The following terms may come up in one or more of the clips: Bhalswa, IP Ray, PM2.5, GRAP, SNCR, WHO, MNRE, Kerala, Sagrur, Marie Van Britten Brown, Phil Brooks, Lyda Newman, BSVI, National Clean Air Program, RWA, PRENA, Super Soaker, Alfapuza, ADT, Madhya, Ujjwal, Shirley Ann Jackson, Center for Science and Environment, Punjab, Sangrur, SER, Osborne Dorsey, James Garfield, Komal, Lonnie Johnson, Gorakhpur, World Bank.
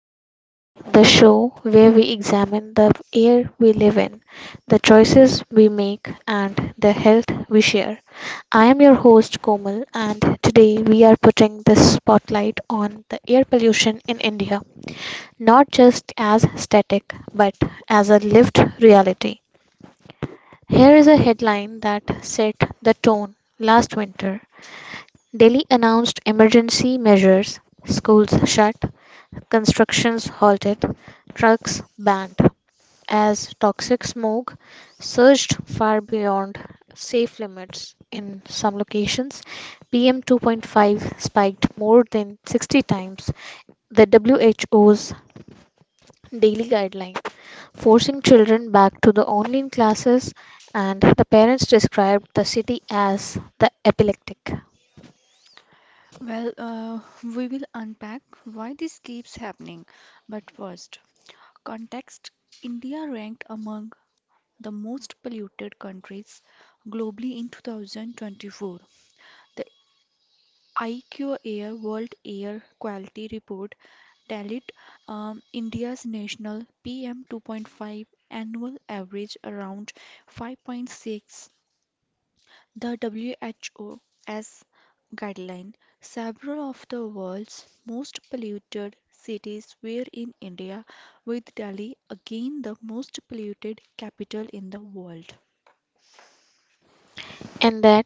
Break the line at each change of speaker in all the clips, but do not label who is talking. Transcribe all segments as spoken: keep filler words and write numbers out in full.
Uneasy, the show where we examine the air we live in, the choices we make, and the health we share. I am your host Komal, and today we are putting the spotlight on the air pollution in India, not just as static, but as a lived reality. Here is a headline that set the tone last winter. Delhi announced emergency measures schools shut, constructions halted, trucks banned as toxic smog surged far beyond safe limits in some locations. P M two point five spiked more than sixty times the W H O's daily guideline, forcing children back to the online classes, and the parents described the city as the epileptic.
Well, uh, we will unpack why this keeps happening. But first, context. India ranked among the most polluted countries globally in two thousand twenty-four. The I Q Air World Air Quality Report tallied um, India's national P M two point five annual average around five point six. The W H O's guideline. Several of the world's most polluted cities were in India, with Delhi again the most polluted capital in the world.
And that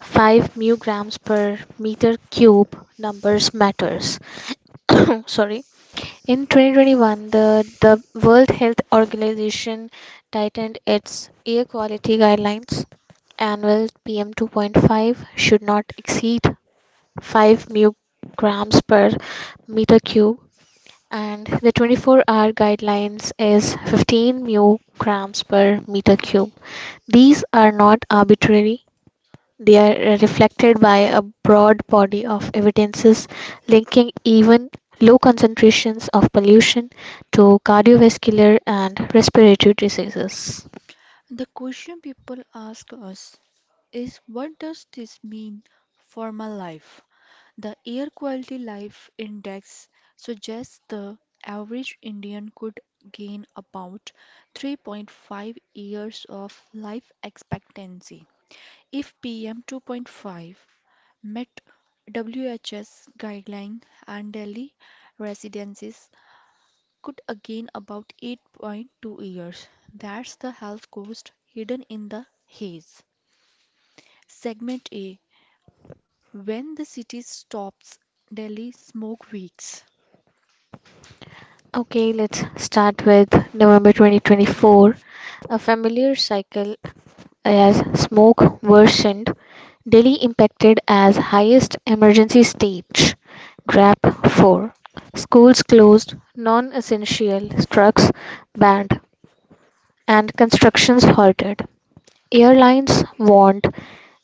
five mu grams per meter cube numbers matters. Sorry, in twenty twenty-one the, the World Health Organization tightened its air quality guidelines. Annual PM two point five should not exceed five mu grams per meter cube, and the twenty-four hour guidelines is fifteen mu grams per meter cube. These are not arbitrary. They are uh, reflected by a broad body of evidences linking even low concentrations of pollution to cardiovascular and respiratory diseases.
The question people ask us is, what does this mean for my life? The Air Quality Life Index suggests the average Indian could gain about three point five years of life expectancy if P M two point five met W H S guideline, and Delhi residences could again about eight point two years. That's the health cost hidden in the haze. Segment A, when the city stops, Delhi smoke weeks.
Okay, let's start with November twenty twenty-four. A familiar cycle as smoke worsened, Delhi impacted as highest emergency stage, DRAP four. Schools closed, non essential trucks banned, and constructions halted. Airlines warned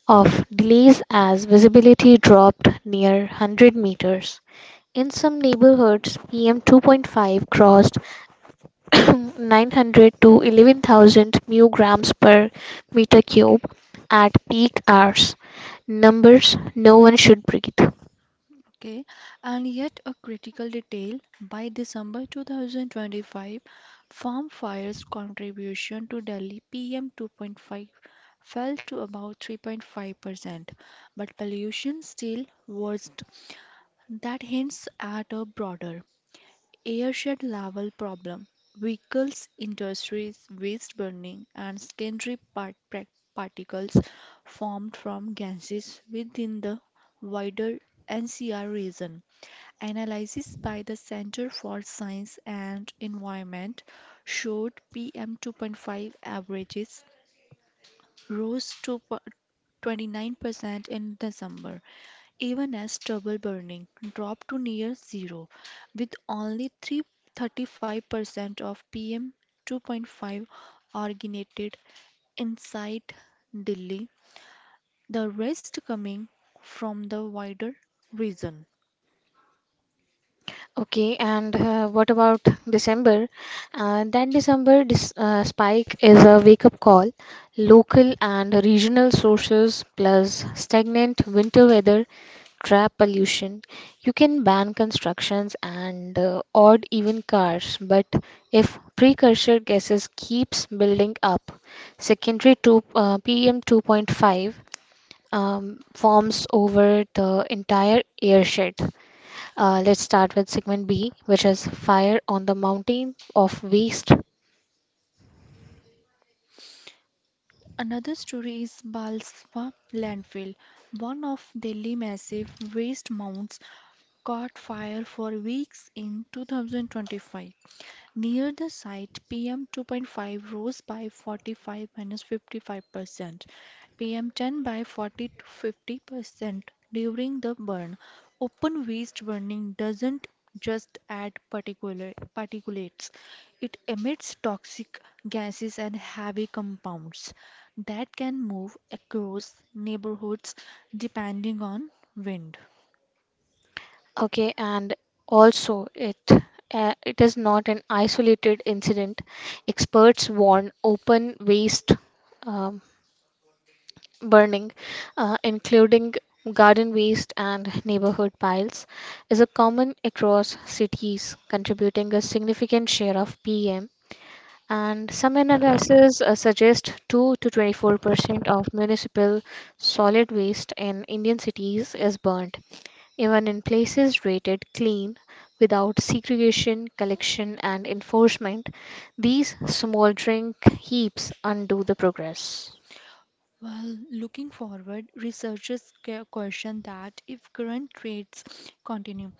of delays as visibility dropped near one hundred meters. In some neighborhoods, P M two point five crossed nine hundred to eleven thousand mu grams per meter cube at peak hours. Numbers no one should breathe.
Okay, and yet a critical detail, by December two thousand twenty-five, farm fires contribution to Delhi P M two point five fell to about three point five percent, but pollution still worsened. That hints at a broader airshed level problem. Vehicles, industries, waste burning, and secondary part- prac- particles formed from gases within the wider N C R region. Analysis by the Center for Science and Environment showed P M two point five averages rose to twenty-nine percent in December, even as trouble burning dropped to near zero, with only thirty-five percent of P M two point five originated inside Delhi, the rest coming from the wider region.
Okay, and uh, what about December? Uh, that December dis uh, spike is a wake-up call. Local and regional sources plus stagnant winter weather trap pollution. You can ban constructions and uh, odd even cars, but if precursor gases keeps building up, secondary two, uh, P M two point five um, forms over the entire airshed. Uh, let's start with segment B, which is Fire on the Mountain of Waste.
Another story is Balswa landfill, one of Delhi massive waste mounds caught fire for weeks in two thousand twenty-five. Near the site, P M two point five rose by forty-five fifty-five percent, P M ten by forty to fifty percent during the burn. Open waste burning doesn't just add particulate, particulates, it emits toxic gases and heavy compounds that can move across neighborhoods depending on wind.
Okay, and also it uh, it is not an isolated incident. Experts warn open waste um, burning, uh, including garden waste and neighborhood piles, is a common across cities, contributing a significant share of P M. And some analyses uh, suggest two to twenty-four percent of municipal solid waste in Indian cities is burnt, even in places rated clean without segregation, collection, and enforcement. These smoldering heaps undo the progress.
Well, looking forward, researchers que- question that if current trades continue,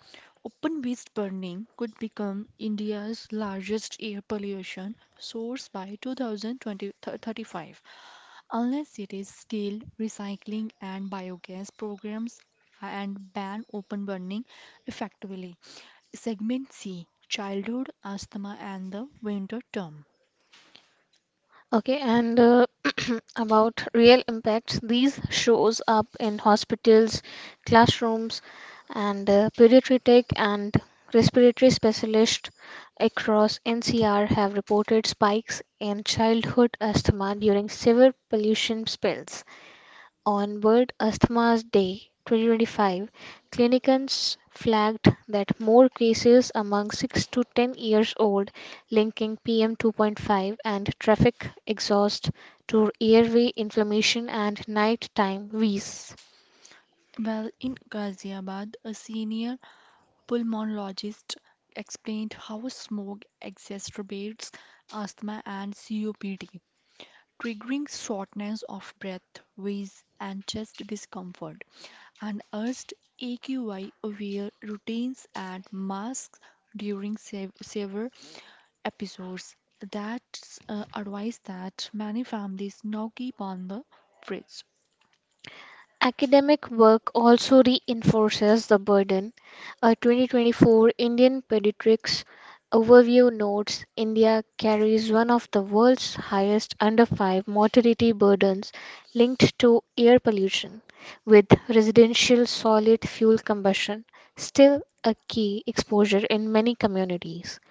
open waste burning could become India's largest air pollution source by twenty thirty-five, unless it is scale recycling and biogas programs uh, and ban open burning effectively. Segment C, childhood asthma and the winter term.
Okay, and uh, about real impacts, these shows up in hospitals, classrooms, and uh, pediatric and respiratory specialists across N C R have reported spikes in childhood asthma during severe pollution spells onward Asthma's Day twenty twenty-five, clinicians flagged that more cases among six to ten years old linking P M two point five and traffic exhaust to airway inflammation and nighttime wheeze.
Well, in Ghaziabad, a senior pulmonologist explained how smoke exacerbates asthma and C O P D, triggering shortness of breath, wheeze, and chest discomfort, and urged A Q I-aware routines and masks during sev- severe episodes. That's uh, advice that many families now keep on the fridge.
Academic work also reinforces the burden. A twenty twenty-four Indian Pediatrics Overview notes India carries one of the world's highest under five mortality burdens linked to air pollution, with residential solid fuel combustion still a key exposure in many communities.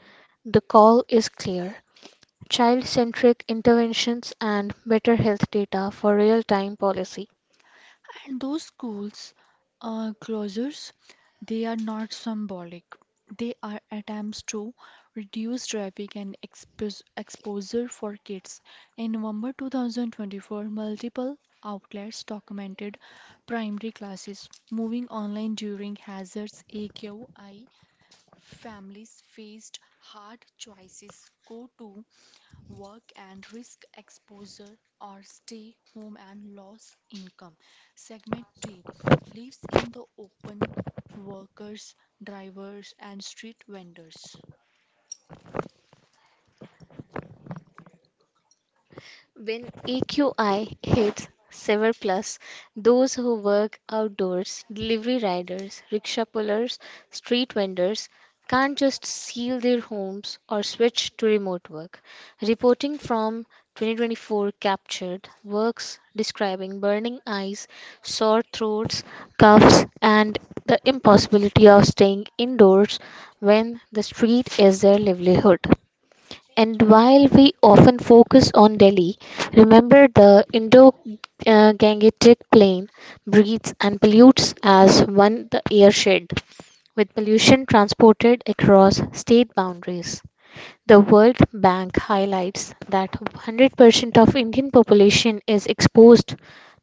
The call is clear. Child centric interventions and better health data for real time policy.
And those schools uh, closures, they are not symbolic. They are attempts to reduce traffic and expos exposure for kids. In November twenty twenty-four, multiple outlets documented primary classes moving online during hazards. A Q I families faced hard choices. Go to work and risk exposure, or stay home and loss income. Segment three, lives in the open, workers, drivers, and street vendors.
When A Q I hits seven+, plus, those who work outdoors, delivery riders, rickshaw pullers, street vendors, can't just seal their homes or switch to remote work. Reporting from twenty twenty-four captured works describing burning eyes, sore throats, coughs, and the impossibility of staying indoors when the street is their livelihood. And while we often focus on Delhi, remember the Indo Gangetic Plain breathes and pollutes as one the air shed, with pollution transported across state boundaries. The World Bank highlights that one hundred percent of Indian population is exposed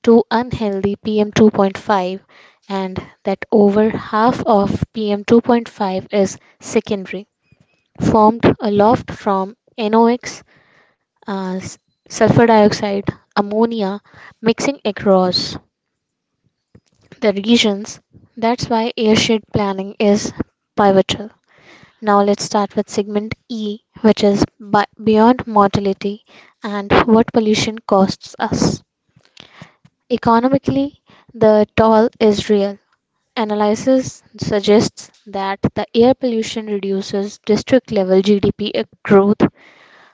to unhealthy P M two point five and that over half of P M two point five is secondary, formed aloft from NOx uh, s- sulfur dioxide, ammonia mixing across the regions. That's why airshed planning is pivotal. Now let's start with segment E, which is bi- beyond mortality and what pollution costs us. Economically, the toll is real. Analysis suggests that the air pollution reduces district level G D P growth.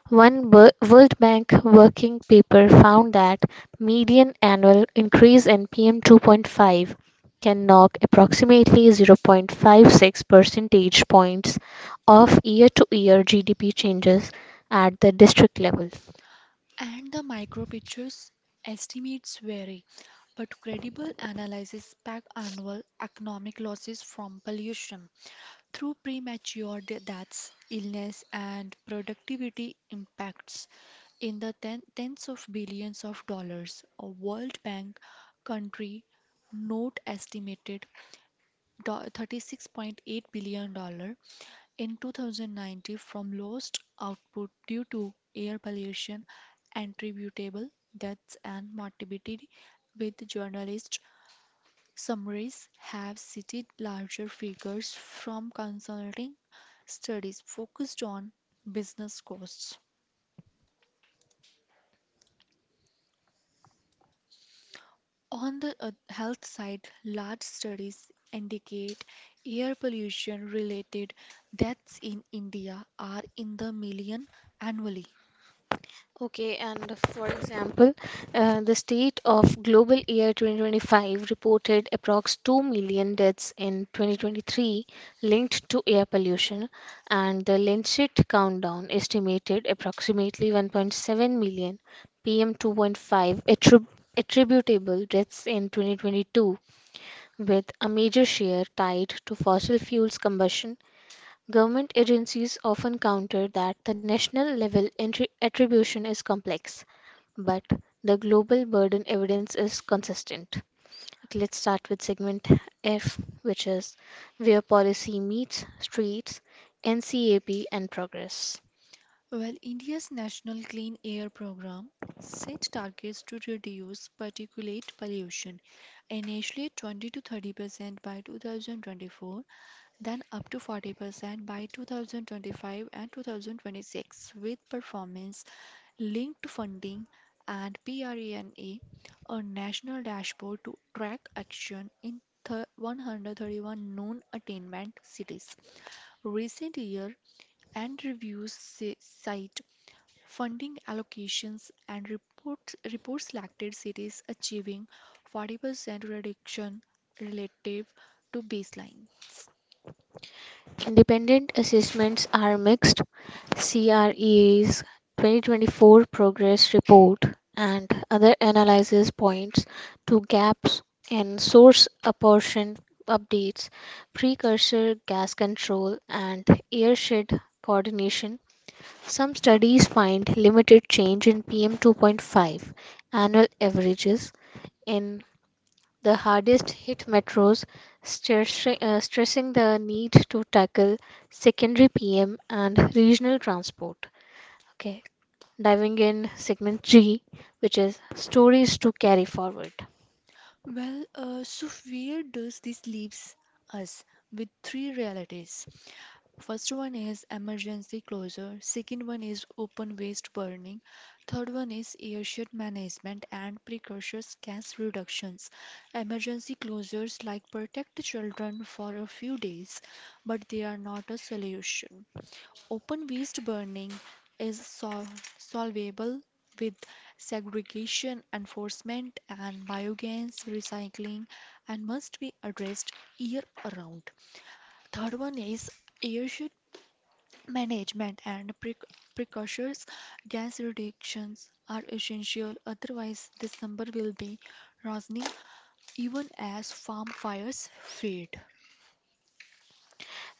One Wo- World Bank working paper found that median annual increase in P M two point five can knock approximately zero point five six percentage points off year-to-year G D P changes at the district level.
And the micro pictures estimates vary, but credible analysis back annual economic losses from pollution, through premature de- deaths, illness, and productivity impacts in the ten- tens of billions of dollars. A World Bank country note estimated do- $36.8 billion dollars in two thousand nineteen from lost output due to air pollution, attributable deaths, and morbidity, with journalists summaries have cited larger figures from consulting studies focused on business costs. On the uh, health side, large studies indicate air pollution related deaths in India are in the million annually.
Okay, and for example, uh, the state of global year twenty twenty-five reported approx two million deaths in twenty twenty-three linked to air pollution, and the Lancet countdown estimated approximately one point seven million P M two point five attrib- attributable deaths in twenty twenty-two, with a major share tied to fossil fuels combustion. Government agencies often counter that the national level entri- attribution is complex but the global burden evidence is consistent. Okay, let's start with segment F, which is where policy meets streets, NCAP, and progress.
Well, India's National Clean Air Program set targets to reduce particulate pollution, initially twenty to thirty percent by two thousand twenty-four, then up to forty percent by twenty twenty-five and two thousand twenty-six, with performance linked to funding, and PRENA, a national dashboard to track action in thir- one hundred thirty-one known attainment cities. Recent year and reviews si- cite funding allocations and reports, report selected cities achieving forty percent reduction relative to baselines.
Independent assessments are mixed. CREA's twenty twenty-four progress report and other analysis points to gaps in source apportion updates, precursor gas control, and airshed coordination. Some studies find limited change in P M two point five annual averages in the hardest hit metros, stress- uh, stressing the need to tackle secondary P M and regional transport. Okay, diving in segment G, which is stories to carry forward.
Well, uh, so where does this leaves us with three realities? First one is emergency closure, second one is open waste burning, third one is airshed management and precocious gas reductions. Emergency closures like protect children for a few days, but they are not a solution. Open waste burning is sol- solvable with segregation enforcement and biogas recycling, and must be addressed year round. Third one is airship management and pre- precursors. Gas reductions are essential, otherwise, this number will be rising even as farm fires fade.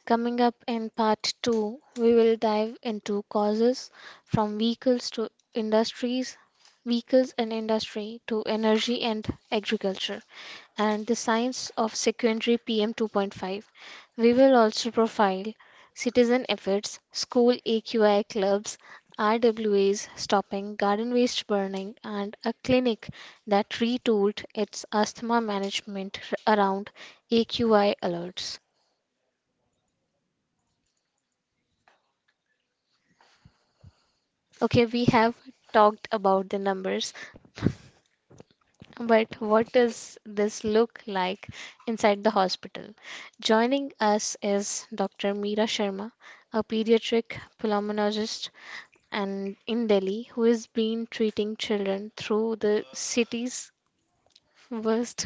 Coming up in part two, we will dive into causes from vehicles to industries, vehicles and industry to energy and agriculture, and the science of secondary P M two point five. We will also profile citizen efforts, school A Q I clubs, R W As stopping garden waste burning, and a clinic that retooled its asthma management around A Q I alerts. Okay, we have talked about the numbers. But what does this look like inside the hospital? Joining us is Doctor Meera Sharma, a pediatric pulmonologist and in Delhi who has been treating children through the city's worst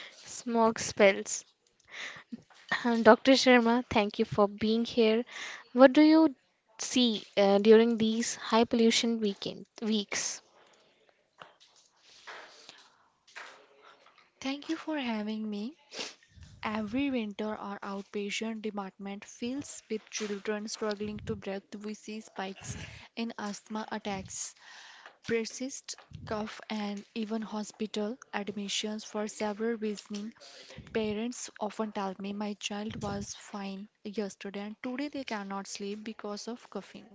smog spells. Doctor Sharma, thank you for being here. What do you see uh, during these high pollution weekend weeks?
Thank you for having me. Every winter, our outpatient department fills with children struggling to breathe. We see spikes in asthma attacks, persist cough, and even hospital admissions for several reasons. Parents often tell me, my child was fine yesterday and today they cannot sleep because of coughing.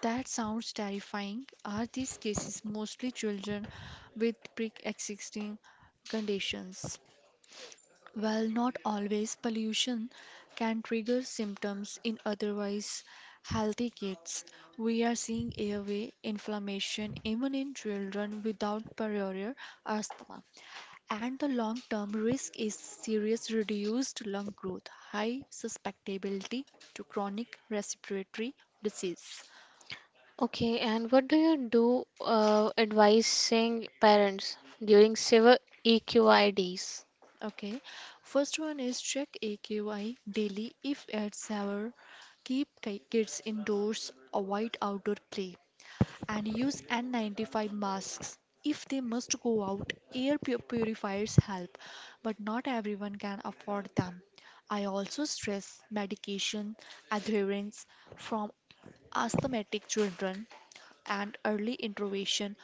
That sounds terrifying. Are these cases mostly children with pre-existing conditions? While not always, pollution can trigger symptoms in otherwise healthy kids. We are seeing airway inflammation even in children without prior asthma. And the long term risk is serious reduced lung growth, high susceptibility to chronic respiratory disease.
Okay, and what do you do uh, advising parents during civil E Q I Ds?
Okay, first one is check A Q I daily if at severe. Keep ki- kids indoors, avoid outdoor play, and use N ninety-five masks if they must go out. Air pu- purifiers help, but not everyone can afford them. I also stress medication adherence from asthmatic children and early intervention.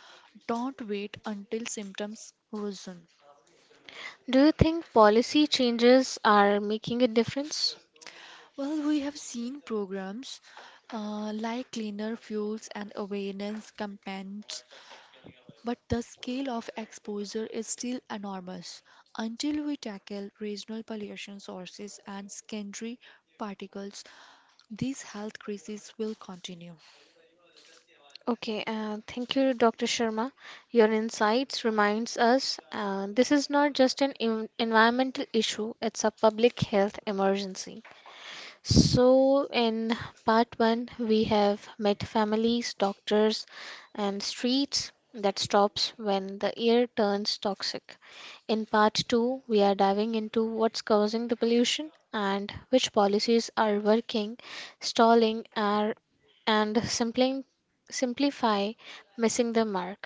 Don't wait until symptoms worsen.
Do you think policy changes are making a difference?
Well, we have seen programs uh, like cleaner fuels and awareness campaigns. But the scale of exposure is still enormous. Until we tackle regional pollution sources and secondary particles, these health crises will continue.
Okay, uh, thank you, Doctor Sharma. Your insights reminds us uh, this is not just an en- environmental issue; it's a public health emergency. So, in part one, we have met families, doctors, and streets that stops when the air turns toxic. In part two, we are diving into what's causing the pollution and which policies are working, stalling, are, and simply, simplify missing the mark.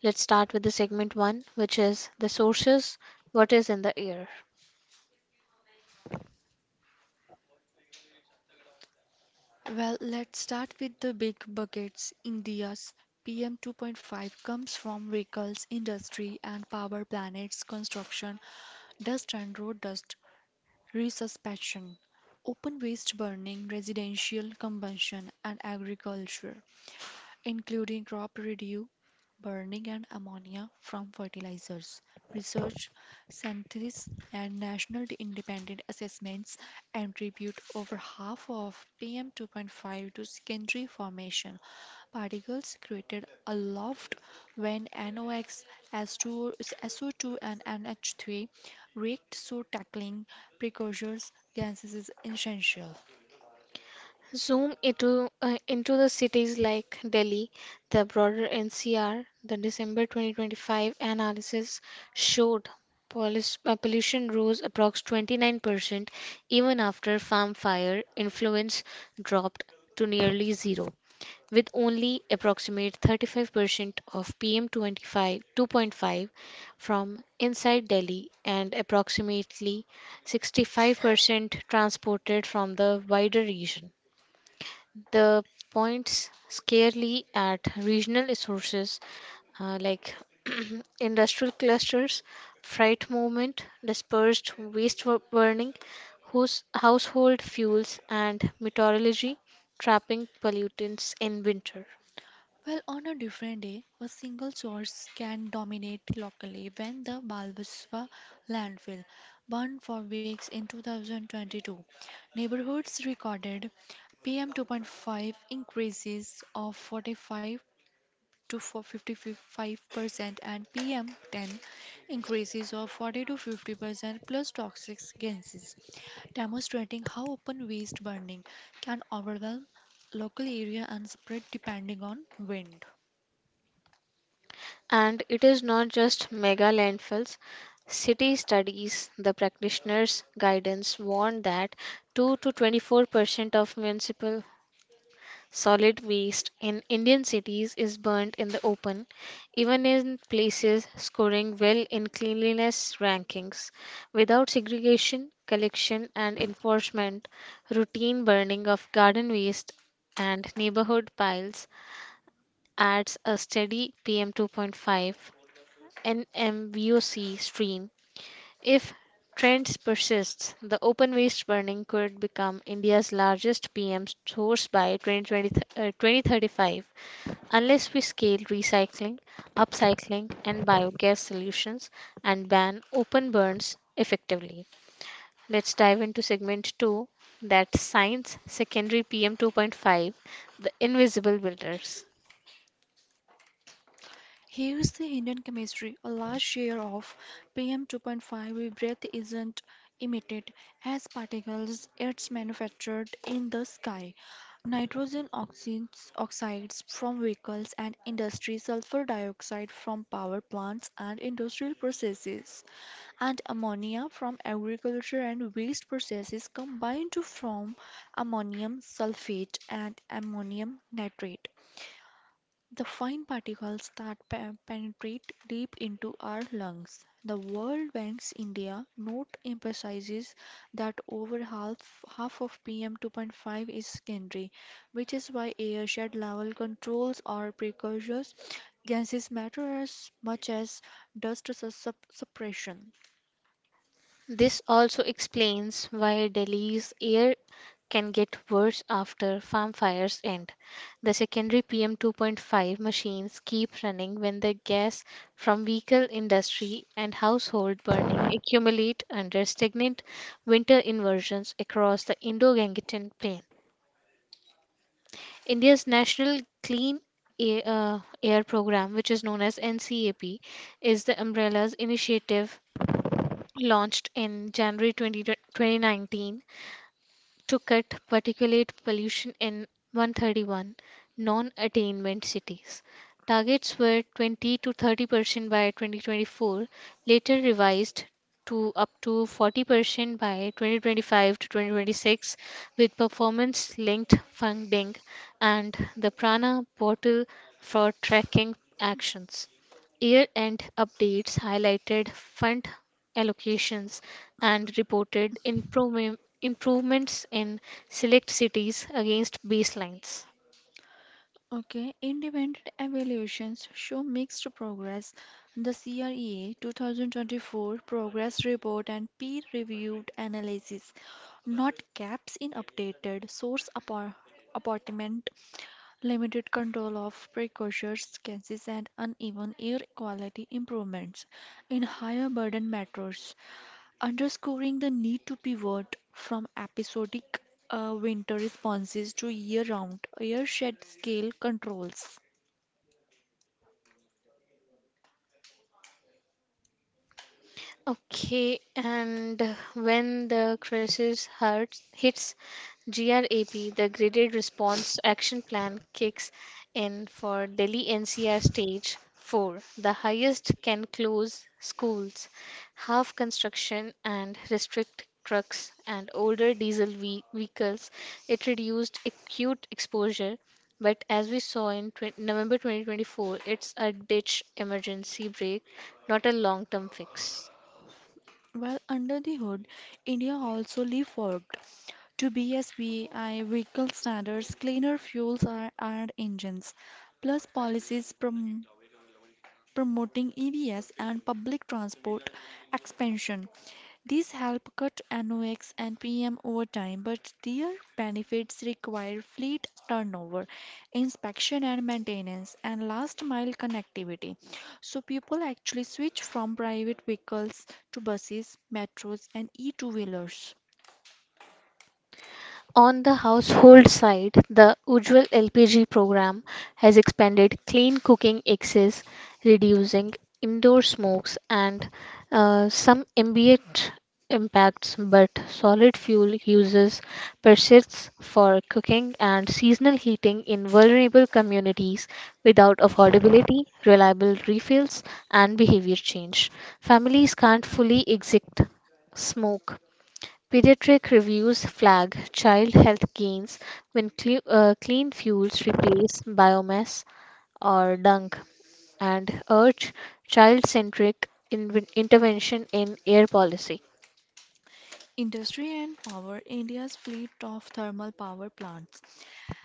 Let's start with the segment one, which is the sources what is in the air.
Well, let's start with the big buckets. India's P M two point five comes from vehicles, industry, and power plants construction, dust and road dust resuspension, open waste burning, residential combustion, and agriculture, including crop residue burning and ammonia from fertilizers. Research, synthesis, and national independent assessments attribute over half of P M two point five to secondary formation. Particles created aloft when NOx, S O two, and N H three react, so tackling precursors gases is essential.
Zoom into uh, into the cities like Delhi, the broader N C R. The December twenty twenty-five analysis showed polis- uh, pollution rose approx twenty-nine percent even after farm fire influence dropped to nearly zero, with only approximate thirty-five percent of P M twenty-five two point five two point five from inside Delhi and approximately sixty-five percent transported from the wider region. The points scarcely at regional sources uh, like industrial clusters, freight movement, dispersed waste wo- burning, house, household fuels, and meteorology trapping pollutants in winter.
Well, on a different day, a single source can dominate locally when the Balbaswa landfill burned for weeks in two thousand twenty-two. Neighborhoods recorded P M two point five increases of forty-five to fifty-five percent and P M ten increases of forty to fifty percent plus toxic gases, demonstrating how open waste burning can overwhelm local area and spread depending on wind.
And it is not just mega landfills. City studies, the practitioners' guidance warned that two to 24 percent of municipal Solid waste in Indian cities is burnt in the open, even in places scoring well in cleanliness rankings. Without segregation, collection, and enforcement, routine burning of garden waste and neighborhood piles adds a steady P M two point five N M V O C stream. If trends persists, the open waste burning could become India's largest P M source by twenty twenty, uh, twenty thirty-five unless we scale recycling, upcycling, and biogas solutions and ban open burns effectively. Let's dive into segment two that science secondary P M two point five the invisible builders.
Here's the hidden chemistry: a large share of P M two point five breath isn't emitted as particles, it's manufactured in the sky. Nitrogen oxides, oxides from vehicles and industry, sulfur dioxide from power plants and industrial processes, and ammonia from agriculture and waste processes combine to form ammonium sulfate and ammonium nitrate, the fine particles that pe- penetrate deep into our lungs. The World Bank's India note emphasizes that over half, half of P M two point five is secondary, which is why airshed level controls or precursors gases matter as much as dust sus- sup- suppression.
This also explains why Delhi's air can get worse after farm fires end. The secondary P M two point five machines keep running when the gas from vehicle industry and household burning accumulate under stagnant winter inversions across the Indo-Gangetic plain. India's National Clean Air, uh, Air Program, which is known as NCAP, is the umbrella's initiative launched in January twentieth, twenty nineteen to cut particulate pollution in one hundred thirty-one non attainment cities. Targets were twenty to 30 percent by twenty twenty-four, later revised to up to 40 percent by twenty twenty-five to twenty twenty-six with performance linked funding and the Prana portal for tracking actions. Year-end updates highlighted fund allocations and reported improvem- improvements in select cities against baselines.
Okay, independent evaluations show mixed progress. The CREA twenty twenty-four Progress Report and peer reviewed analysis, not gaps in updated source appor- apportionment, limited control of precursors, cases, and uneven air quality improvements in higher burden metros, underscoring the need to pivot from episodic uh, winter responses to year round air shed scale controls.
Okay, and when the crisis hurts, hits, GRAP, the Graded Response Action Plan, kicks in for Delhi N C R Stage four. The highest can close schools, half construction, and restrict trucks and older diesel ve- vehicles. It reduced acute exposure, but as we saw in twenty, November twenty twenty-four, it's a ditch emergency break, not a long term fix.
Well, under the hood, India also leapfrogged to B S V I vehicle standards, cleaner fuels are and engines, plus policies prom promoting E Vs and public transport expansion. These help cut NOx and P M over time, but their benefits require fleet turnover, inspection and maintenance, and last mile connectivity, so people actually switch from private vehicles to buses, metros, and e two wheelers.
On the household side, the Ujjwal L P G program has expanded clean cooking access, reducing indoor smokes and uh, some ambient impacts, but solid fuel uses persists for cooking and seasonal heating in vulnerable communities without affordability, reliable refills, and behavior change. Families can't fully exit smoke. Pediatric reviews flag child health gains when cle uh, clean fuels replace biomass or dung and urge child centric intervention in air policy.
Industry and power India's fleet of thermal power plants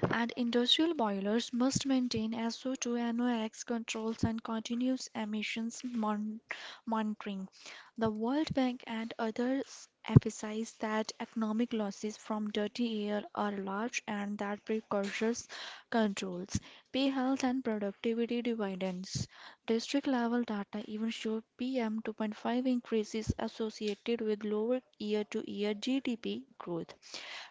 and industrial boilers must maintain S O two NOx controls and continuous emissions mon- monitoring. The World Bank and others emphasize that economic losses from dirty air are large and that precautions controls pay health and productivity dividends. District level data even show P M two point five increases associated with lower year to year G D P growth,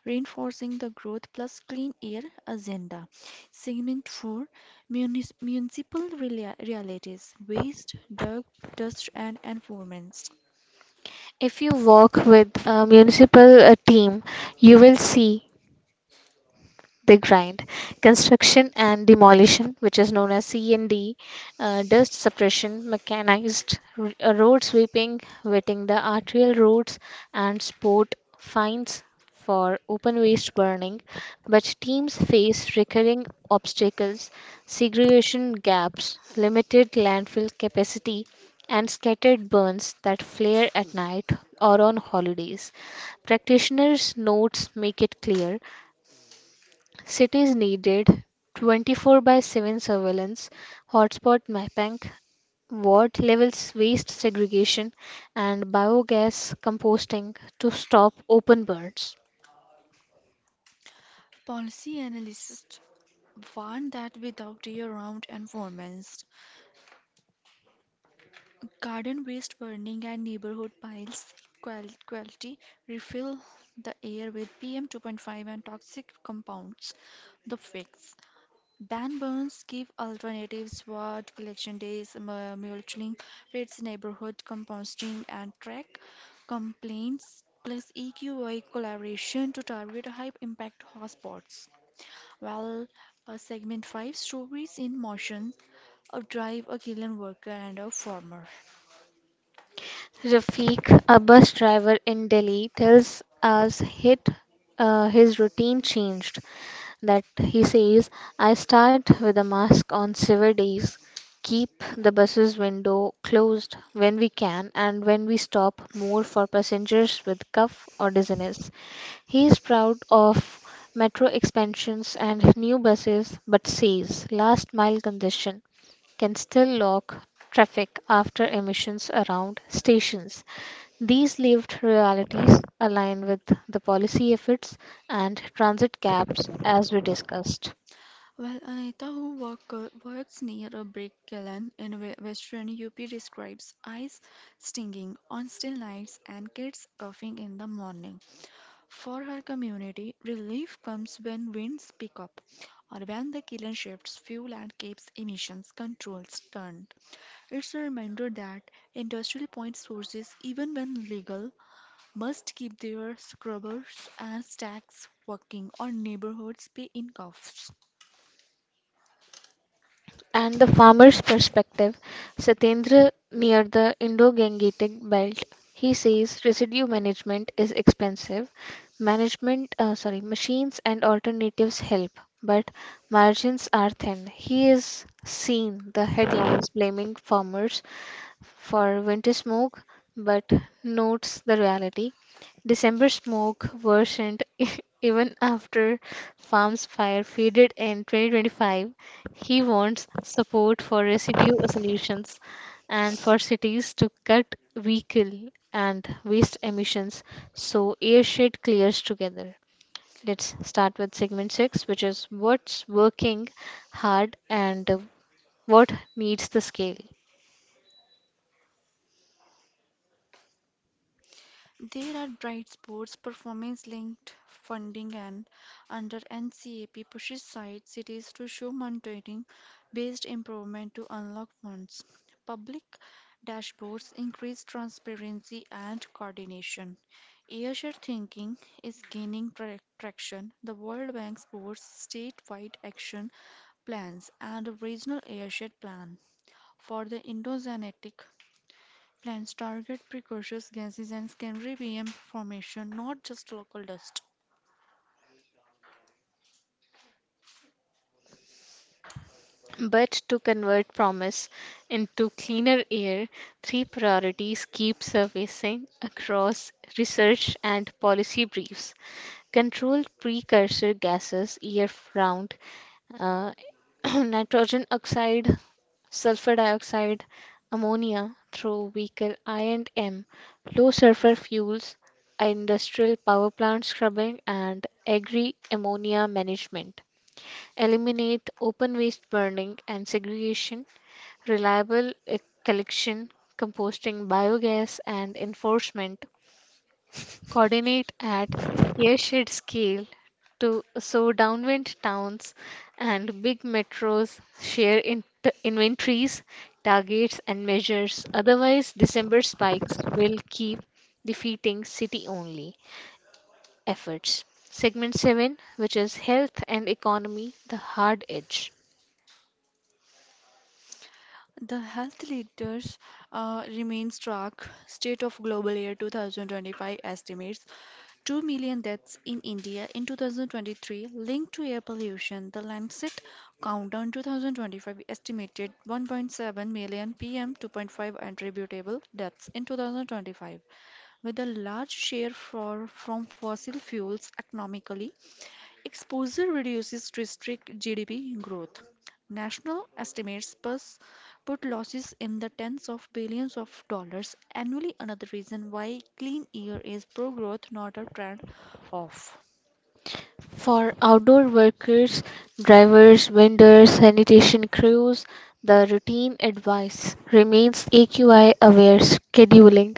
reinforcing the Growth Plus Clean Air agenda. Segment four, Munis- Municipal Reali- Realities, waste, dirt, dust, and environments.
If you work with a municipal uh, team, you will see they grind. Construction and demolition, which is known as C and D, uh, dust suppression, mechanized r- uh, road sweeping, wetting the arterial roads, and sport fines for open waste burning. But teams face recurring obstacles, segregation gaps, limited landfill capacity, and scattered burns that flare at night or on holidays. Practitioners' notes make it clear. Cities needed twenty-four by seven surveillance, hotspot mapping, ward levels, waste segregation, and biogas composting to stop open burns.
Policy analysts warn that without year round environments, garden waste burning and neighborhood piles qual- quality refill the air with P M two point five and toxic compounds. The fix, ban burns, give alternatives, what collection days, mu- mulching, pits, neighborhood composting, and track complaints, plus E Q I collaboration to target high impact hotspots. While uh, segment five, stories in motion, a drive, a kiln worker, and a farmer.
Rafiq, a bus driver in Delhi, tells us hit, uh, his routine changed. That he says, I start with a mask on severe days, keep the bus's window closed when we can, and when we stop, more for passengers with cough or dizziness. He is proud of metro expansions and new buses, but says last mile congestion can still lock traffic after emissions around stations. These lived realities align with the policy efforts and transit caps as we discussed.
Well, Anita, who work, works near a brick kiln in we- western U P, describes eyes stinging on still nights and kids coughing in the morning. For her community, relief comes when winds pick up or when the kiln shifts fuel and keeps emissions controls turned. It's a reminder that industrial point sources, even when legal, must keep their scrubbers and stacks working, or neighborhoods pay in cuffs.
And the farmer's perspective, Satendra near the Indo Gangetic belt. He says residue management is expensive. Management, uh, sorry, machines and alternatives help, but margins are thin. He is seen the headlines blaming farmers for winter smoke, but notes the reality. December smoke worsened even after farm's fire faded in twenty twenty-five. He wants support for residue solutions and for cities to cut vehicle and waste emissions so airshed clears together. Let's start with segment six, which is what's working hard and what needs the scale.
There are bright spots, performance-linked funding, and under NCAP pushes site cities to show monitoring-based improvement to unlock funds. Public dashboards increase transparency and coordination. Airshare thinking is gaining tra- traction. The World Bank supports state-wide action plans and a regional airshare plan for the Indo-Zenetic Plants target precocious gases and secondary P M formation, not just local dust.
But to convert promise into cleaner air, three priorities keep surfacing across research and policy briefs. Controlled precursor gases year round, uh, nitrogen oxide, sulfur dioxide, ammonia through vehicle I and M, low sulfur fuels, industrial power plant scrubbing, and agri ammonia management. Eliminate open waste burning and segregation reliable e- collection, composting, biogas, and enforcement coordinate at airshed scale to so downwind towns and big metros share in t- inventories, targets, and measures. Otherwise, December spikes will keep defeating city only efforts. Segment seven, which is health and economy, the hard edge.
The health leaders uh, remain struck. State of Global Air two thousand twenty-five estimates two million deaths in India in two thousand twenty-three linked to air pollution. The Lancet Countdown two thousand twenty-five estimated one point seven million P M two point five attributable deaths in twenty twenty-five, with a large share for, from fossil fuels economically. Exposure reduces district G D P growth. National estimates pus put losses in the tens of billions of dollars annually, another reason why clean air is pro growth, not a trend off.
For outdoor workers, drivers, vendors, sanitation crews, the routine advice remains A Q I aware scheduling,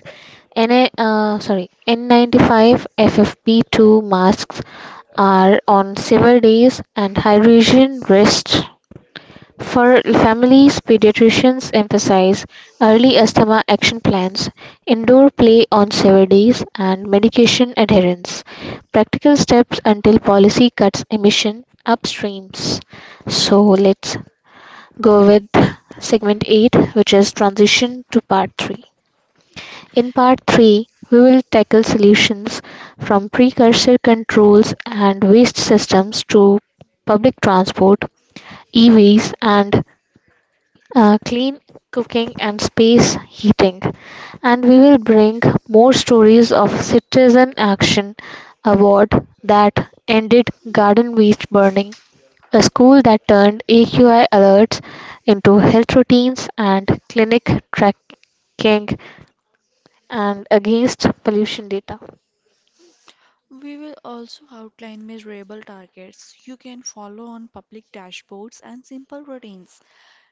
N A, uh, sorry, N ninety-five F F P two masks are on several days and hydration rest for families, pediatricians emphasize early asthma action plans, indoor play on severities, and medication adherence. Practical steps until policy cuts emission upstreams. So let's go with segment eight, which is transition to part three. In part three, we will tackle solutions from precursor controls and waste systems to public transport, E Vs, and uh, clean cooking and space heating, and we will bring more stories of citizen action, award that ended garden waste burning, a school that turned aqi alerts into health routines and clinic tracking, and against pollution data.
We will also outline measurable targets you can follow on public dashboards and simple routines.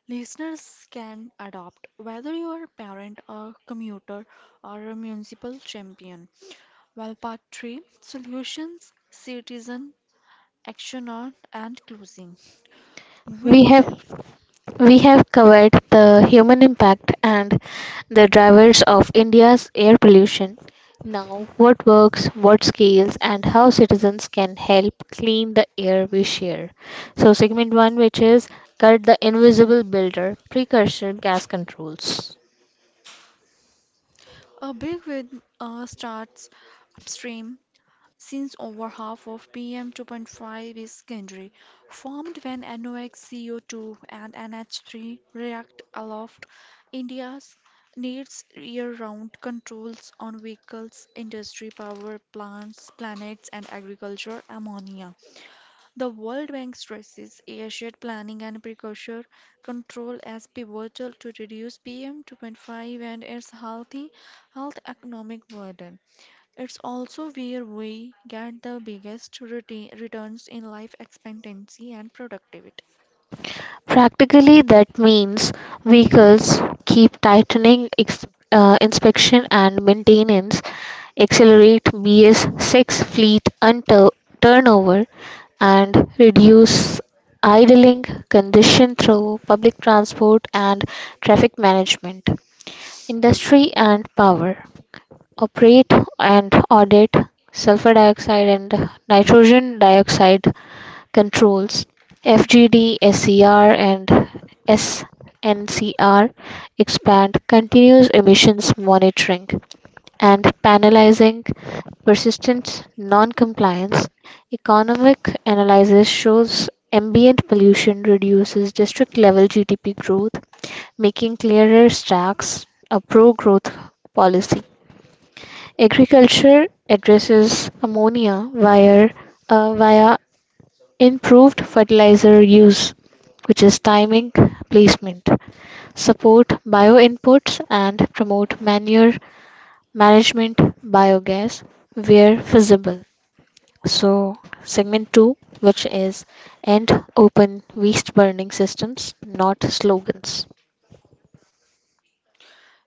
Listeners can adopt whether you are a parent, a commuter, or a municipal champion. Well, part three solutions, citizen action on and closing.
we
We
have We have covered the human impact and the drivers of India's air pollution. Now, what works, what scales, and how citizens can help clean the air we share. So, segment one, which is cut the invisible builder, precursor gas controls.
a big win uh, starts upstream since over half of P M two point five is secondary, formed when NOx, C O two, and N H three react aloft. India's needs year-round controls on vehicles, industry, power plants, planets, and agriculture. Ammonia. The World Bank stresses Asia's planning and precursor control as pivotal to reduce P M two point five and its healthy health economic burden. It's also where we get the biggest reti- returns in life expectancy and productivity.
Practically, that means vehicles keep tightening ex- uh, inspection and maintenance, accelerate B S six fleet and tur- turnover, and reduce idling condition through public transport and traffic management. Industry and power operate and audit sulfur dioxide and nitrogen dioxide controls F G D, S E R, and S N C R expand continuous emissions monitoring and penalizing persistent non-compliance. Economic analysis shows ambient pollution reduces district-level G D P growth, making clearer stacks a pro-growth policy. Agriculture addresses ammonia via, uh, via improved fertilizer use, which is timing, placement, support bioinputs and promote manure management, biogas where feasible. So, segment two, which is end open waste burning systems, not slogans.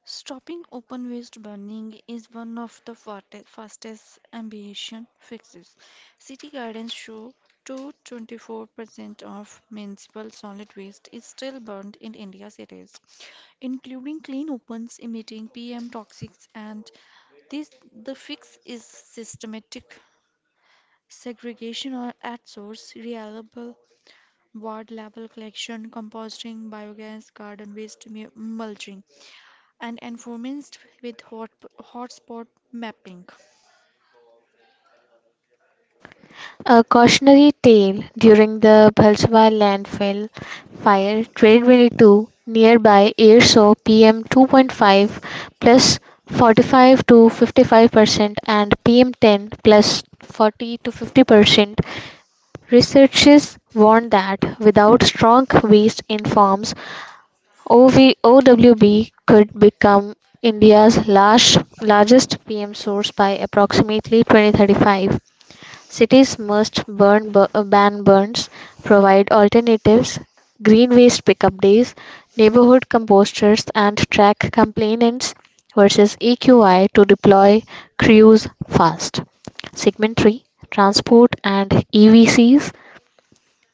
Stopping open waste burning is one of the forte- fastest ambition fixes. City gardens show to twenty-four percent of municipal solid waste is still burned in India's cities, including clean opens emitting P M toxics, and this the fix is systematic segregation or at source, reliable ward level collection, composting, biogas, garden waste mu- mulching, and enforced with hot, hotspot mapping.
A cautionary tale during the Bhalswa landfill fire twenty twenty-two nearby air saw P M two point five plus forty-five to fifty-five percent and P M ten plus forty to fifty percent. Researchers warn that without strong waste in farms, O V- O W B could become India's large, largest P M source by approximately twenty thirty-five. Cities must burn bu- uh, ban burns, provide alternatives, green waste pickup days, neighborhood composters, and track complainants versus E Q I to deploy crews fast. Segment three Transport and E V Cs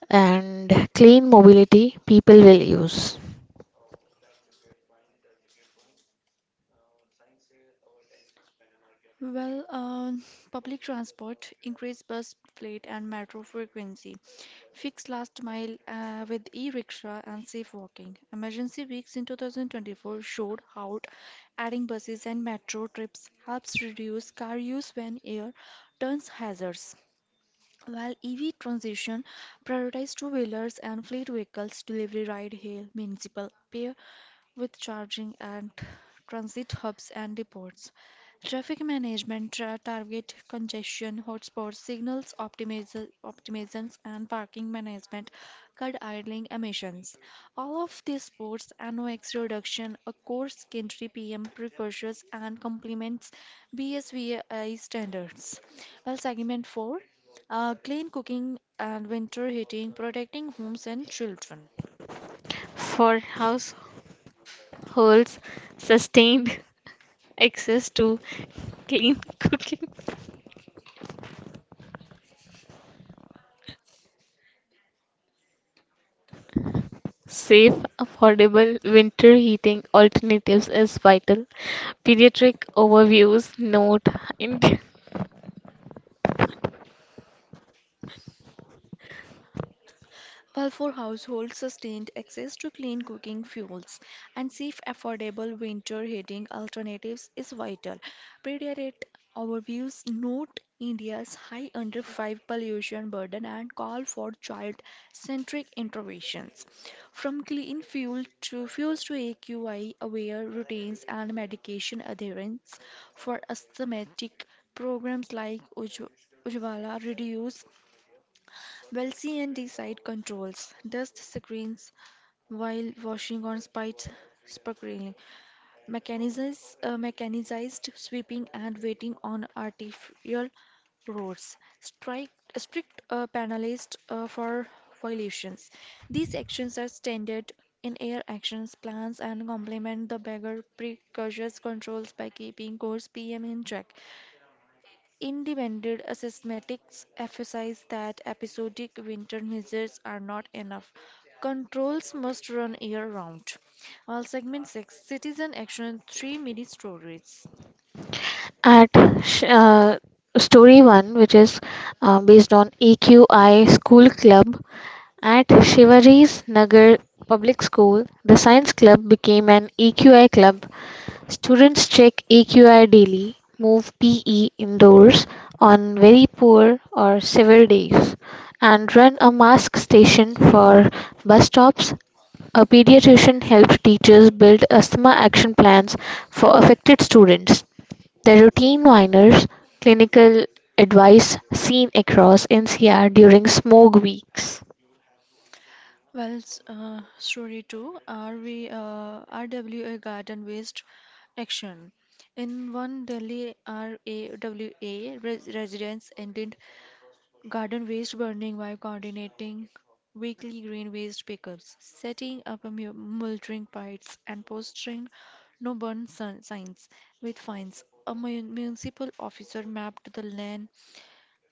and clean mobility people will use.
Well, um, Public transport, increased bus fleet and metro frequency, fixed last mile uh, with e-rickshaw and safe walking. Emergency weeks in twenty twenty-four showed how adding buses and metro trips helps reduce car use when air turns hazards. While E V transition prioritized two-wheelers and fleet vehicles, delivery, ride-hail, municipal, peer with charging and transit hubs and depots. Traffic management tra- target congestion hotspots, signals optimiz- optimizations, and parking management cut idling emissions. All of these supports NOx reduction, a core secondary P M precursors, and complements B S V I standards. Well, segment four, uh, clean cooking and winter heating, protecting homes and children.
For households, sustained access to clean cooking. Safe, affordable winter heating alternatives is vital. Pediatric overviews note in
While for households, sustained access to clean cooking fuels and safe, affordable winter heating alternatives is vital. Predirect overviews note India's high under five pollution burden and call for child-centric interventions. From clean fuel to fuels to A Q I aware routines and medication adherence for asthmatic programs like Ujj- Ujjwala reduce Welcy and Decide controls dust screens while washing on spite sparkling, mechanizes, uh, mechanized sweeping and waiting on artificial roads, strike, strict uh, penalized uh, for violations. These actions are standard in air actions plans and complement the bigger precocious controls by keeping course P M in check. Independent assessments emphasize that episodic winter measures are not enough. Controls must run year-round. Uh, segment six, Citizen Action three Mini Stories.
at sh- uh, story one, which is uh, based on A Q I School Club. At Shivaji's Nagar Public School, the Science Club became an E Q I club. Students check A Q I daily, move P E indoors on very poor or severe days, and run a mask station for bus stops. A pediatrician helps teachers build asthma action plans for affected students. The routine whiners clinical advice seen across N C R during smog weeks.
Well, s- uh, story two, R V, uh, R W A Garden Waste Action. In one Delhi R A W A, res- residents ended garden waste burning by coordinating weekly green waste pickups, setting up a mu- mulching piles, and posting no burn sun- signs with fines. A mu- municipal officer mapped the land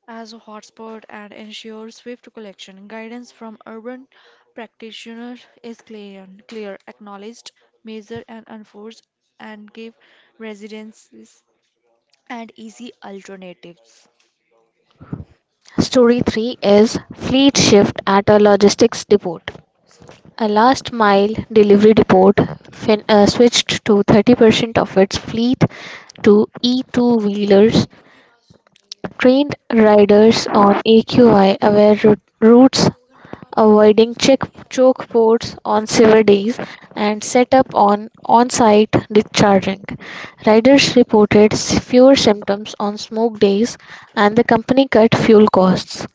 as a hotspot and ensures swift collection. Guidance from urban practitioners is clear, clear acknowledged, measured, and enforced, and give residences and easy alternatives.
Story three is Fleet Shift at a Logistics Depot. A last mile delivery depot fin- uh, switched to thirty percent of its fleet to E two wheelers, trained riders on A Q I aware rou- routes, avoiding check- choke ports on severe days, and set up on on site discharging. Riders reported s- fewer symptoms on smoke days, and the company cut fuel costs.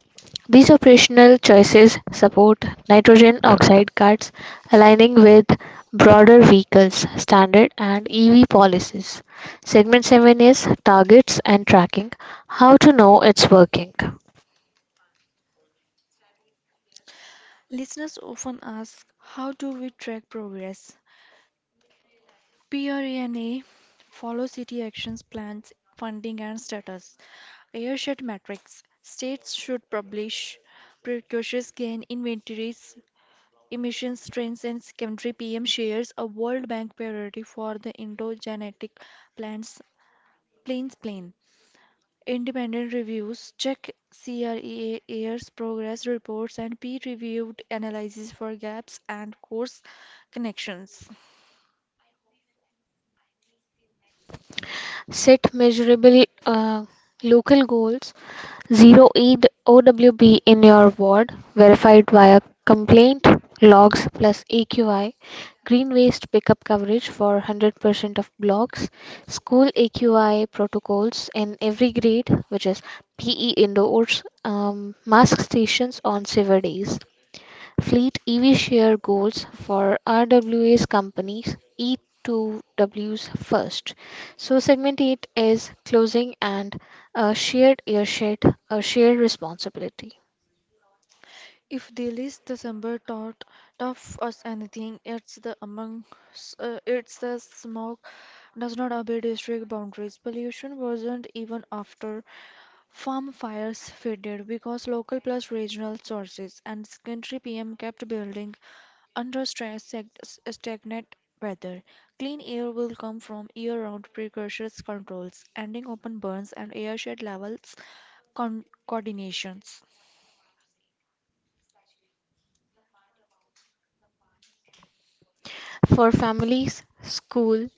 These operational choices support nitrogen oxide cuts, aligning with broader vehicles standard and E V policies. Segment seven is targets and tracking, how to know it's working.
Listeners often ask, how do we track progress? Prana follow city actions plans, funding and status. Airshed metrics. States should publish precocious gain inventories, emissions trends and secondary P M shares, a World Bank priority for the endogenetic plants plains plain. Independent reviews check C R E A's progress reports and peer-reviewed analysis for gaps and course connections.
Set measurable uh, local goals Zero Eid O W B in your ward verified via complaint logs plus A Q I. Green waste pickup coverage for one hundred percent of blocks. School A Q I protocols in every grade, which is P E indoors. Um, mask stations on sever days. Fleet E V share goals for R W A's companies E two Ws first. So segment eight is closing and a shared airshed, a shared responsibility.
If they list the summer taught tough as anything, it's the among uh, it's the smog does not obey district boundaries. Pollution wasn't even after farm fires faded because local plus regional sources and secondary P M kept building under stress, sag- s- stagnant weather. Clean air will come from year-round precursors controls, ending open burns and airshed levels con- coordinations.
For families, school,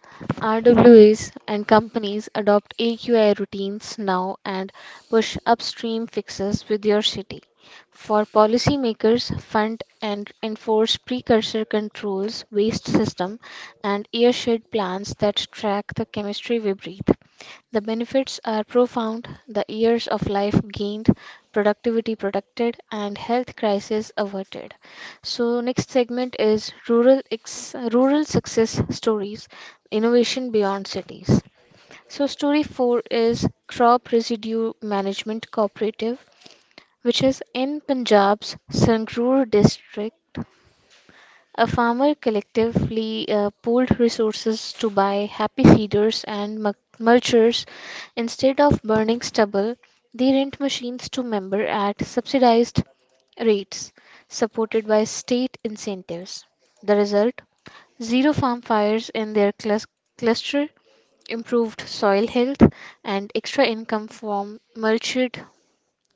R W As, and companies, adopt A Q I routines now and push upstream fixes with your city. For policymakers, fund and enforce precursor controls, waste system, and airshed plans that track the chemistry we breathe. The benefits are profound the years of life gained, productivity protected, and health crisis averted. So next segment is rural ex- rural success stories, innovation beyond cities. So story four is crop residue management cooperative, which is in Punjab's Sangrur district. A farmer collectively uh, pooled resources to buy happy seeders and mul- mulchers instead of burning stubble. They rent machines to member at subsidized rates supported by state incentives. The result zero farm fires in their clus- cluster, improved soil health, and extra income from mulched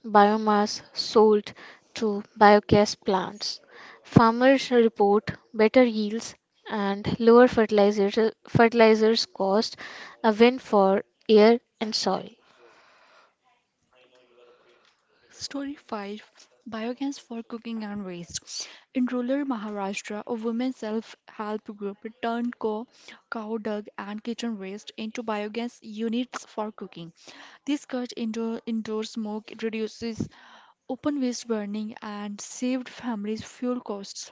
biomass sold to biogas plants. Farmers report better yields and lower fertilizer, fertilizers cost, a win for air and soil.
Story five, Biogas for Cooking and Waste. In rural Maharashtra, a women's self help group turned co- cow dung and kitchen waste into biogas units for cooking. This cut indoor, indoor smoke, reduces open waste burning, and saved families fuel costs.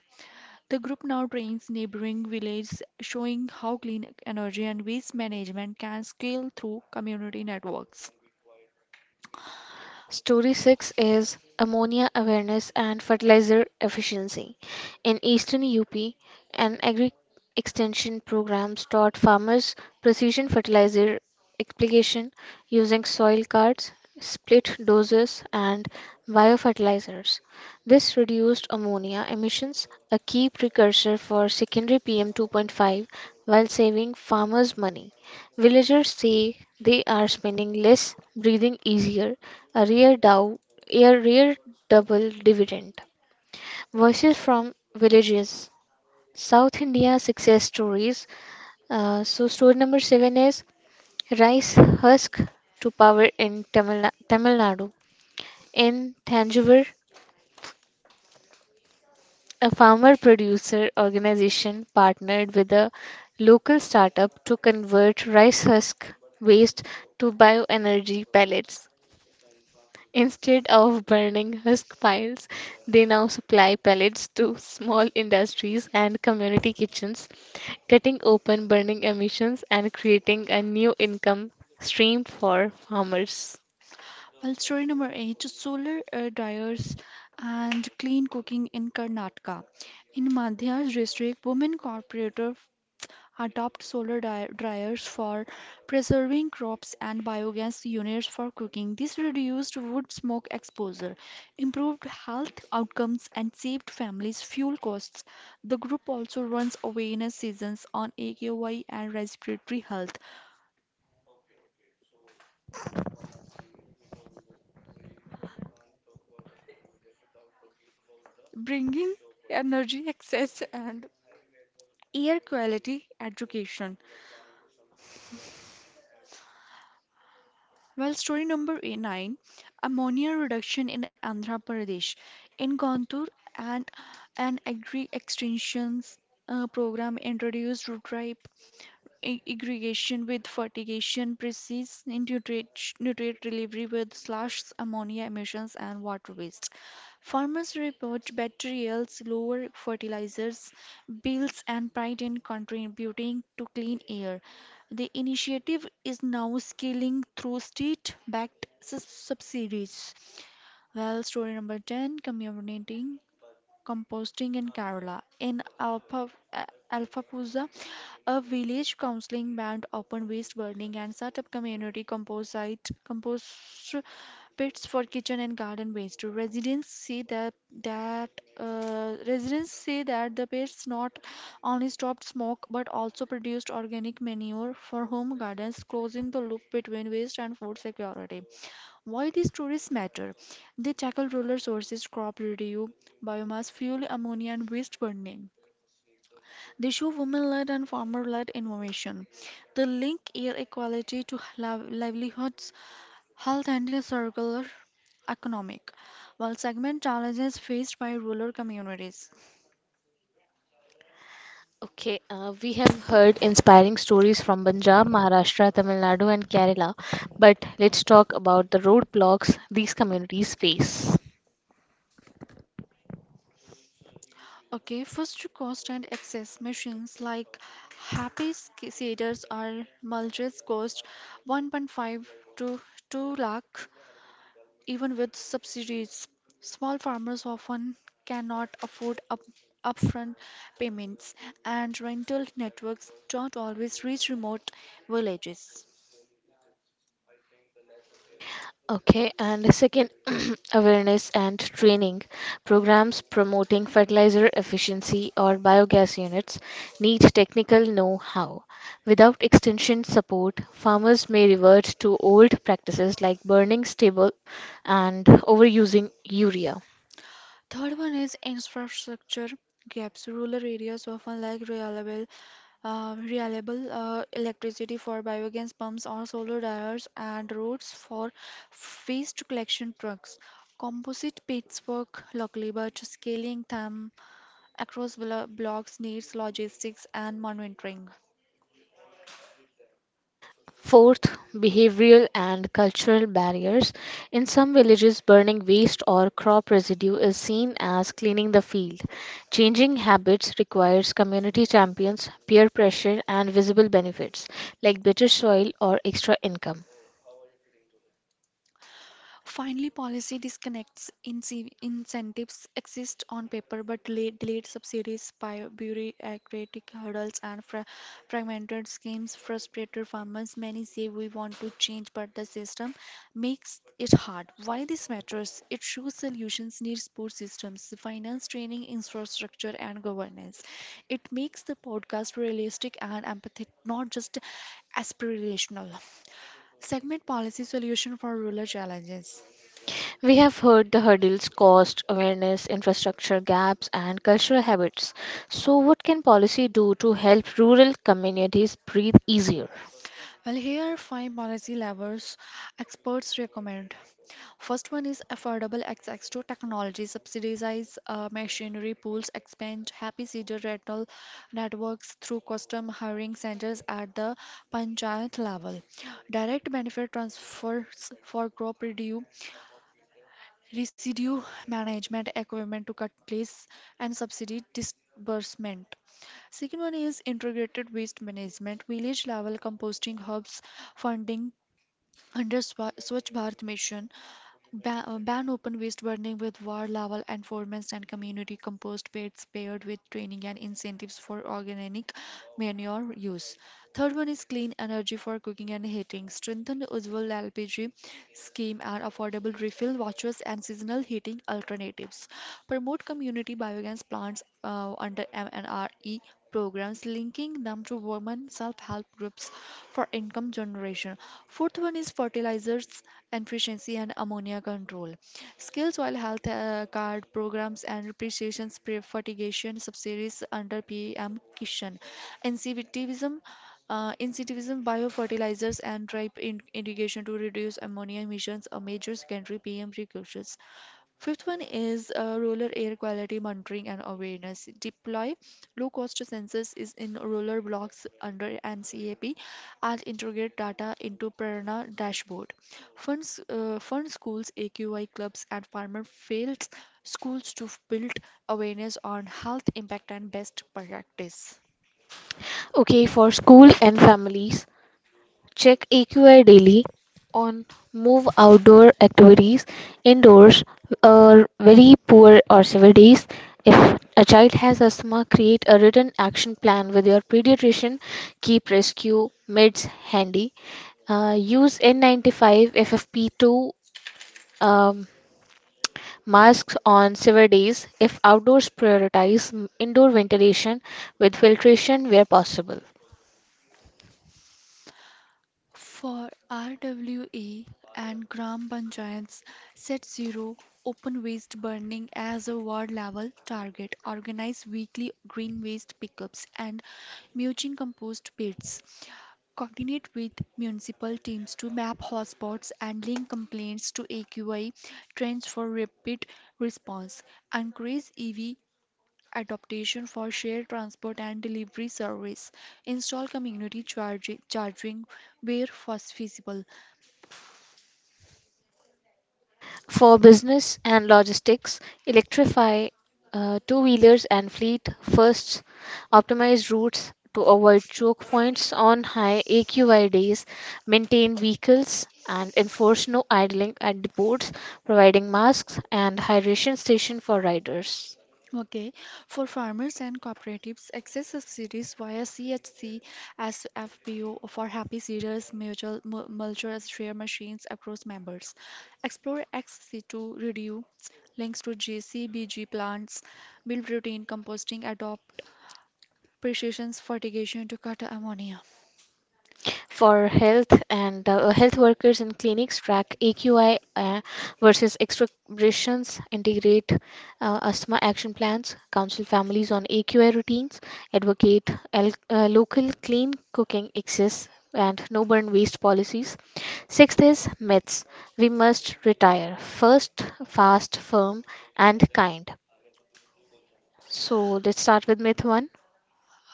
The group now trains neighboring villages, showing how clean energy and waste management can scale through community networks.
Story six is Ammonia Awareness and Fertilizer Efficiency. In eastern U P, an agri extension programs taught farmers precision fertilizer application using soil cards, split doses, and biofertilizers. This reduced ammonia emissions, a key precursor for secondary P M two point five, while saving farmers money. Villagers say they are spending less, breathing easier, a real, dow, a real double dividend. Voices from villages, South India success stories. Uh, so story number seven is rice husk to power in Tamil, Na- Tamil Nadu. In Thanjavur, a farmer producer organization partnered with a local startup to convert rice husk waste to bioenergy pellets. Instead of burning husk piles, they now supply pellets to small industries and community kitchens, cutting open burning emissions and creating a new income stream for farmers.
Well, story number eight solar uh, dryers and clean cooking in Karnataka. In Madhya district, women corporator adopt solar dry- dryers for preserving crops and biogas units for cooking. This reduced wood smoke exposure, improved health outcomes, and saved families fuel costs. The group also runs awareness sessions on A K Y and respiratory health, bringing energy access and air quality education. Well, story number eight- nine, ammonia reduction in Andhra Pradesh. In Gontur, and an agri extensions uh, program introduced to dry ag- aggregation with fertigation, precise nutrient, nutrient delivery with slash ammonia emissions and water waste. Farmers report better yields, lower fertilizers bills, and pride in contributing to clean air. The initiative is now scaling through state-backed sus- subsidies. Well, story number ten, community composting in Kerala. In Alpha, Alphapuza, a village counseling band opened waste burning and set up community composite compost pits for kitchen and garden waste. Residents see that that uh, residents say that the pits not only stopped smoke but also produced organic manure for home gardens, closing the loop between waste and food security. Why these stories matter? They tackle rural sources, crop residue, biomass, fuel, ammonia, and waste burning. They show women-led and farmer-led innovation. They link air equality to liv- livelihoods, health, and a circular economic, while segment challenges faced by rural communities.
Okay, uh, we have heard inspiring stories from Punjab, Maharashtra, Tamil Nadu, and Kerala, but let's talk about the roadblocks these communities face.
Okay, first to cost and access. Machines like Happy Seeders or mulches cost one point five to two lakh. Even with subsidies, small farmers often cannot afford up, upfront payments, and rental networks don't always reach remote villages.
Okay, and second, awareness and training programs promoting fertilizer efficiency or biogas units need technical know how. Without extension support, farmers may revert to old practices like burning stubble and overusing urea.
Third one is infrastructure gaps. Rural areas often lack reliable, uh, reliable uh, electricity for biogas pumps or solar dryers and roads for waste collection trucks. Composite pits work locally, but scaling them across blo- blocks needs logistics and monitoring.
Fourth, behavioral and cultural barriers. In some villages, burning waste or crop residue is seen as cleaning the field. Changing habits requires community champions, peer pressure, and visible benefits like better soil or extra income.
Finally, policy disconnects. Ince- Incentives exist on paper but delay- delayed subsidies, by bureaucratic hurdles, and fra- fragmented schemes frustrated farmers. Many say we want to change, but the system makes it hard. Why this matters? It shows solutions need support systems, finance, training, infrastructure, and governance. It makes the podcast realistic and empathetic, not just aspirational. Segment policy solution for rural challenges.
We have heard the hurdles, cost, awareness, infrastructure gaps, and cultural habits. So, what can policy do to help rural communities breathe easier?
Well, here are five policy levers experts recommend. First one is affordable access to technology, subsidize uh, machinery pools, expand happy seeder rental networks through custom hiring centers at the panchayat level. Direct benefit transfers for crop residue, residue management equipment to cut place and subsidy disbursement. Second one is integrated waste management, village level composting hubs, funding under Swa- Swachh Bharat Mission. Ban, uh, ban open waste burning with war, level enforcement, and community compost pits paired with training and incentives for organic manure use. Third one is clean energy for cooking and heating. Strengthen Ujjwal L P G scheme and affordable refill vouchers and seasonal heating alternatives. Promote community biogas plants uh, under M N R E programs, linking them to women self-help groups for income generation. Fourth one is fertilizers efficiency and ammonia control. Skills while health uh, card programs and depreciation sp- fertigation subsidies under P M Kishan. Incentivism uh, incentivism biofertilizers and drip in- irrigation to reduce ammonia emissions, a major secondary P M precursors. Fifth one is uh, rural air quality monitoring and awareness. Deploy low cost sensors is in rural blocks under N C A P and integrate data into Prerna dashboard. Funds uh, fund schools, A Q I clubs and farmer fields schools to build awareness on health impact and best practice.
Okay, for school and families, check A Q I daily on move outdoor activities indoors are very poor or severe days. If a child has asthma, create a written action plan with your pediatrician. Keep rescue meds handy. Uh, use N ninety-five F F P two um, masks on severe days. If outdoors, prioritize m- indoor ventilation with filtration where possible.
For R W A and Gram Panchayats, set zero open waste burning as a ward level target. Organize weekly green waste pickups and mulching compost pits. Coordinate with municipal teams to map hotspots and link complaints to A Q I trends for rapid response. Encourage E V adaptation for shared transport and delivery service. Install community chargi- charging where fas- feasible.
For business and logistics, electrify uh, two wheelers and fleet first optimize routes to avoid choke points on high A Q I days, maintain vehicles, and enforce no idling at the ports, providing masks and hydration station for riders.
Okay, for farmers and cooperatives, access subsidies via C H C as F P O for happy seeders, mutual mu- mulchers, share machines across members. Explore X C two reduce links to G C B G plants, build routine composting, adopt precision fertigation to cut ammonia.
For health and uh, health workers in clinics track A Q I uh, versus exacerbations, integrate uh, asthma action plans, counsel families on A Q I routines, advocate el- uh, local clean cooking access and no burn waste policies. Sixth is myths. We must retire first, fast, firm, and kind. So let's start with myth one.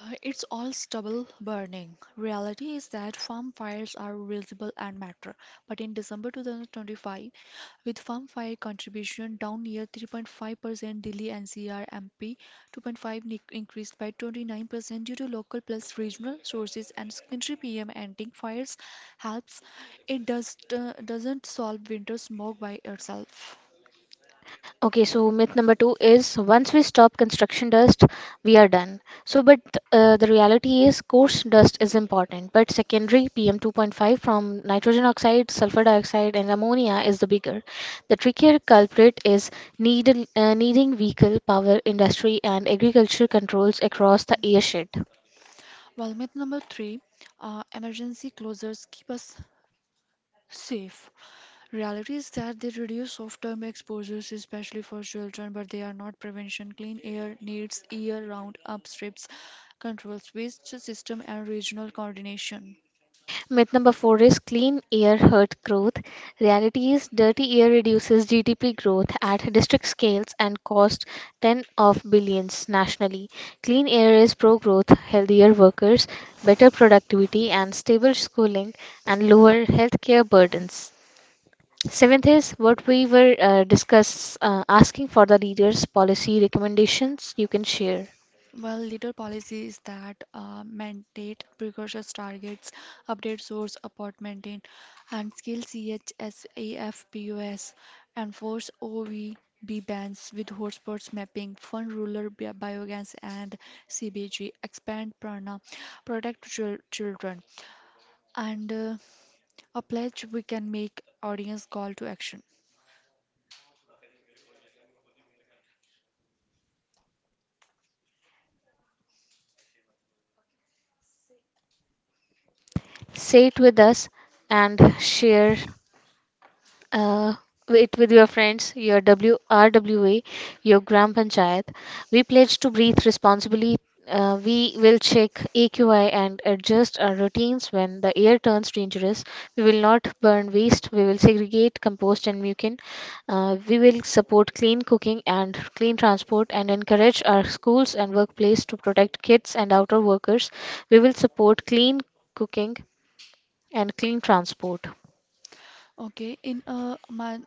Uh, It's all stubble burning. Reality is that farm fires are visible and matter. But in December twenty twenty-five, with farm fire contribution down near three point five percent, Delhi N C R M P two point five nic- increased by twenty-nine percent due to local plus regional sources and secondary P M ending fires helps. It does uh, doesn't solve winter smoke by itself.
Okay, so myth number two is once we stop construction dust, we are done. So, but uh, The reality is coarse dust is important, but secondary P M two point five from nitrogen oxide, sulfur dioxide, and ammonia is the bigger. The trickier culprit is needle, uh, needing vehicle, power, industry, and agriculture controls across the airshed.
Well, myth number three, uh, emergency closures keep us safe. Reality is that they reduce short-term exposures, especially for children, but they are not prevention. Clean air needs year-round upstrips, controls waste system, and regional coordination.
Myth number four is clean air hurt growth. Reality is dirty air reduces G D P growth at district scales and costs ten of billions nationally. Clean air is pro growth, healthier workers, better productivity, and stable schooling, and lower healthcare burdens. Seventh is what we were uh, discuss uh, asking for the leaders' policy recommendations you can share.
Well, leader policies that uh, mandate precocious targets, update source, apport maintain, and scale CHSAFPUS, enforce O V B bans with hotspots mapping, fund rural bi- biogas and C B G, expand prana, protect chil- children, and uh, a pledge we can make audience call to action.
Say it with us and share uh, it with your friends, your W R W A, your gram panchayat. We pledge to breathe responsibly. Uh, we will check A Q I and adjust our routines when the air turns dangerous. We will not burn waste. We will segregate, compost, and mucin. Uh, we will support clean cooking and clean transport and encourage our schools and workplace to protect kids and outdoor workers. We will support clean cooking and clean transport.
Okay, in a man,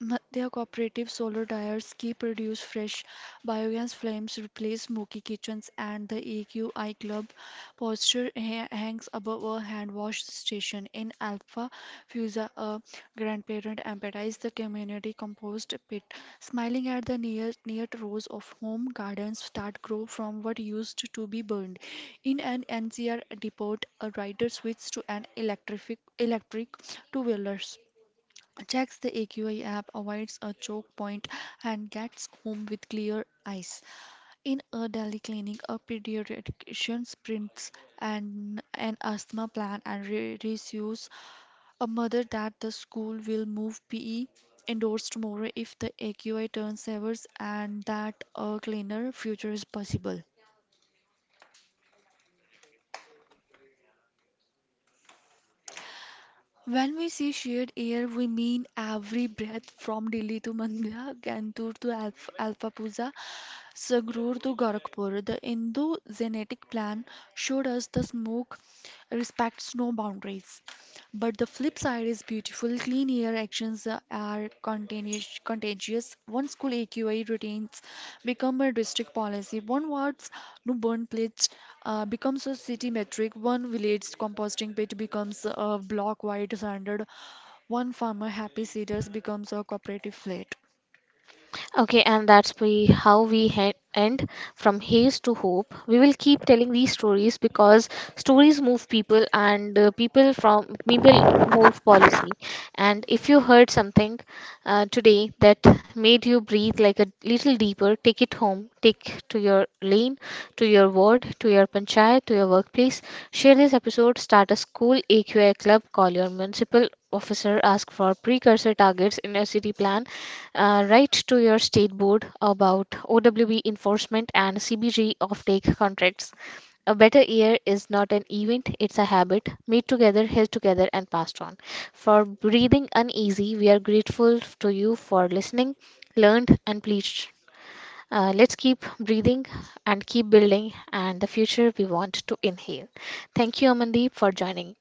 Madhya Cooperative solar tires ki produce fresh biogas flames replace smoky kitchens, and the A Q I Club poster ha- hangs above a hand wash station in Alpha Fusa. A grandparent empties the community compost pit, smiling at the near near rows of home gardens that grow from what used to be burned. In an N C R depot, a rider switches to an electric electric two wheelers, checks the A Q I app, avoids a choke point, and gets home with clear eyes. In a Delhi clinic, a pediatrician prints an, an asthma plan and re- reassures a mother that the school will move P E indoors tomorrow if the A Q I turns severs and that a cleaner future is possible. When we see shared air, we mean every breath from Delhi to Mandya, Kantur to Alf- Alfapuza, Sagrur to Gorakhpur. The Hindu genetic plan showed us the smoke respects no boundaries. But the flip side is beautiful. Clean air actions are contagious. contagious. One school A Q I routines become a district policy. One ward's no burn pledge uh, becomes a city metric. One village's composting pit becomes a block-wide standard. One farmer happy cedars becomes a cooperative flat.
Okay, and that's we how we he- end from haze to hope. We will keep telling these stories because stories move people, and uh, people from people move policy. And if you heard something uh, today that made you breathe like a little deeper, take it home, take to your lane, to your ward, to your panchayat, to your workplace. Share this episode. Start a school A Q I club. Call your municipal officer. Ask for precursor targets in your city plan. Uh, write to your state board about O W B enforcement and C B G offtake contracts. A better year is not an event, it's a habit. Made together, held together, and passed on. For breathing uneasy, we are grateful to you for listening, learned, and pleased. Uh, let's keep breathing and keep building, and the future we want to inhale. Thank you, Amandeep, for joining.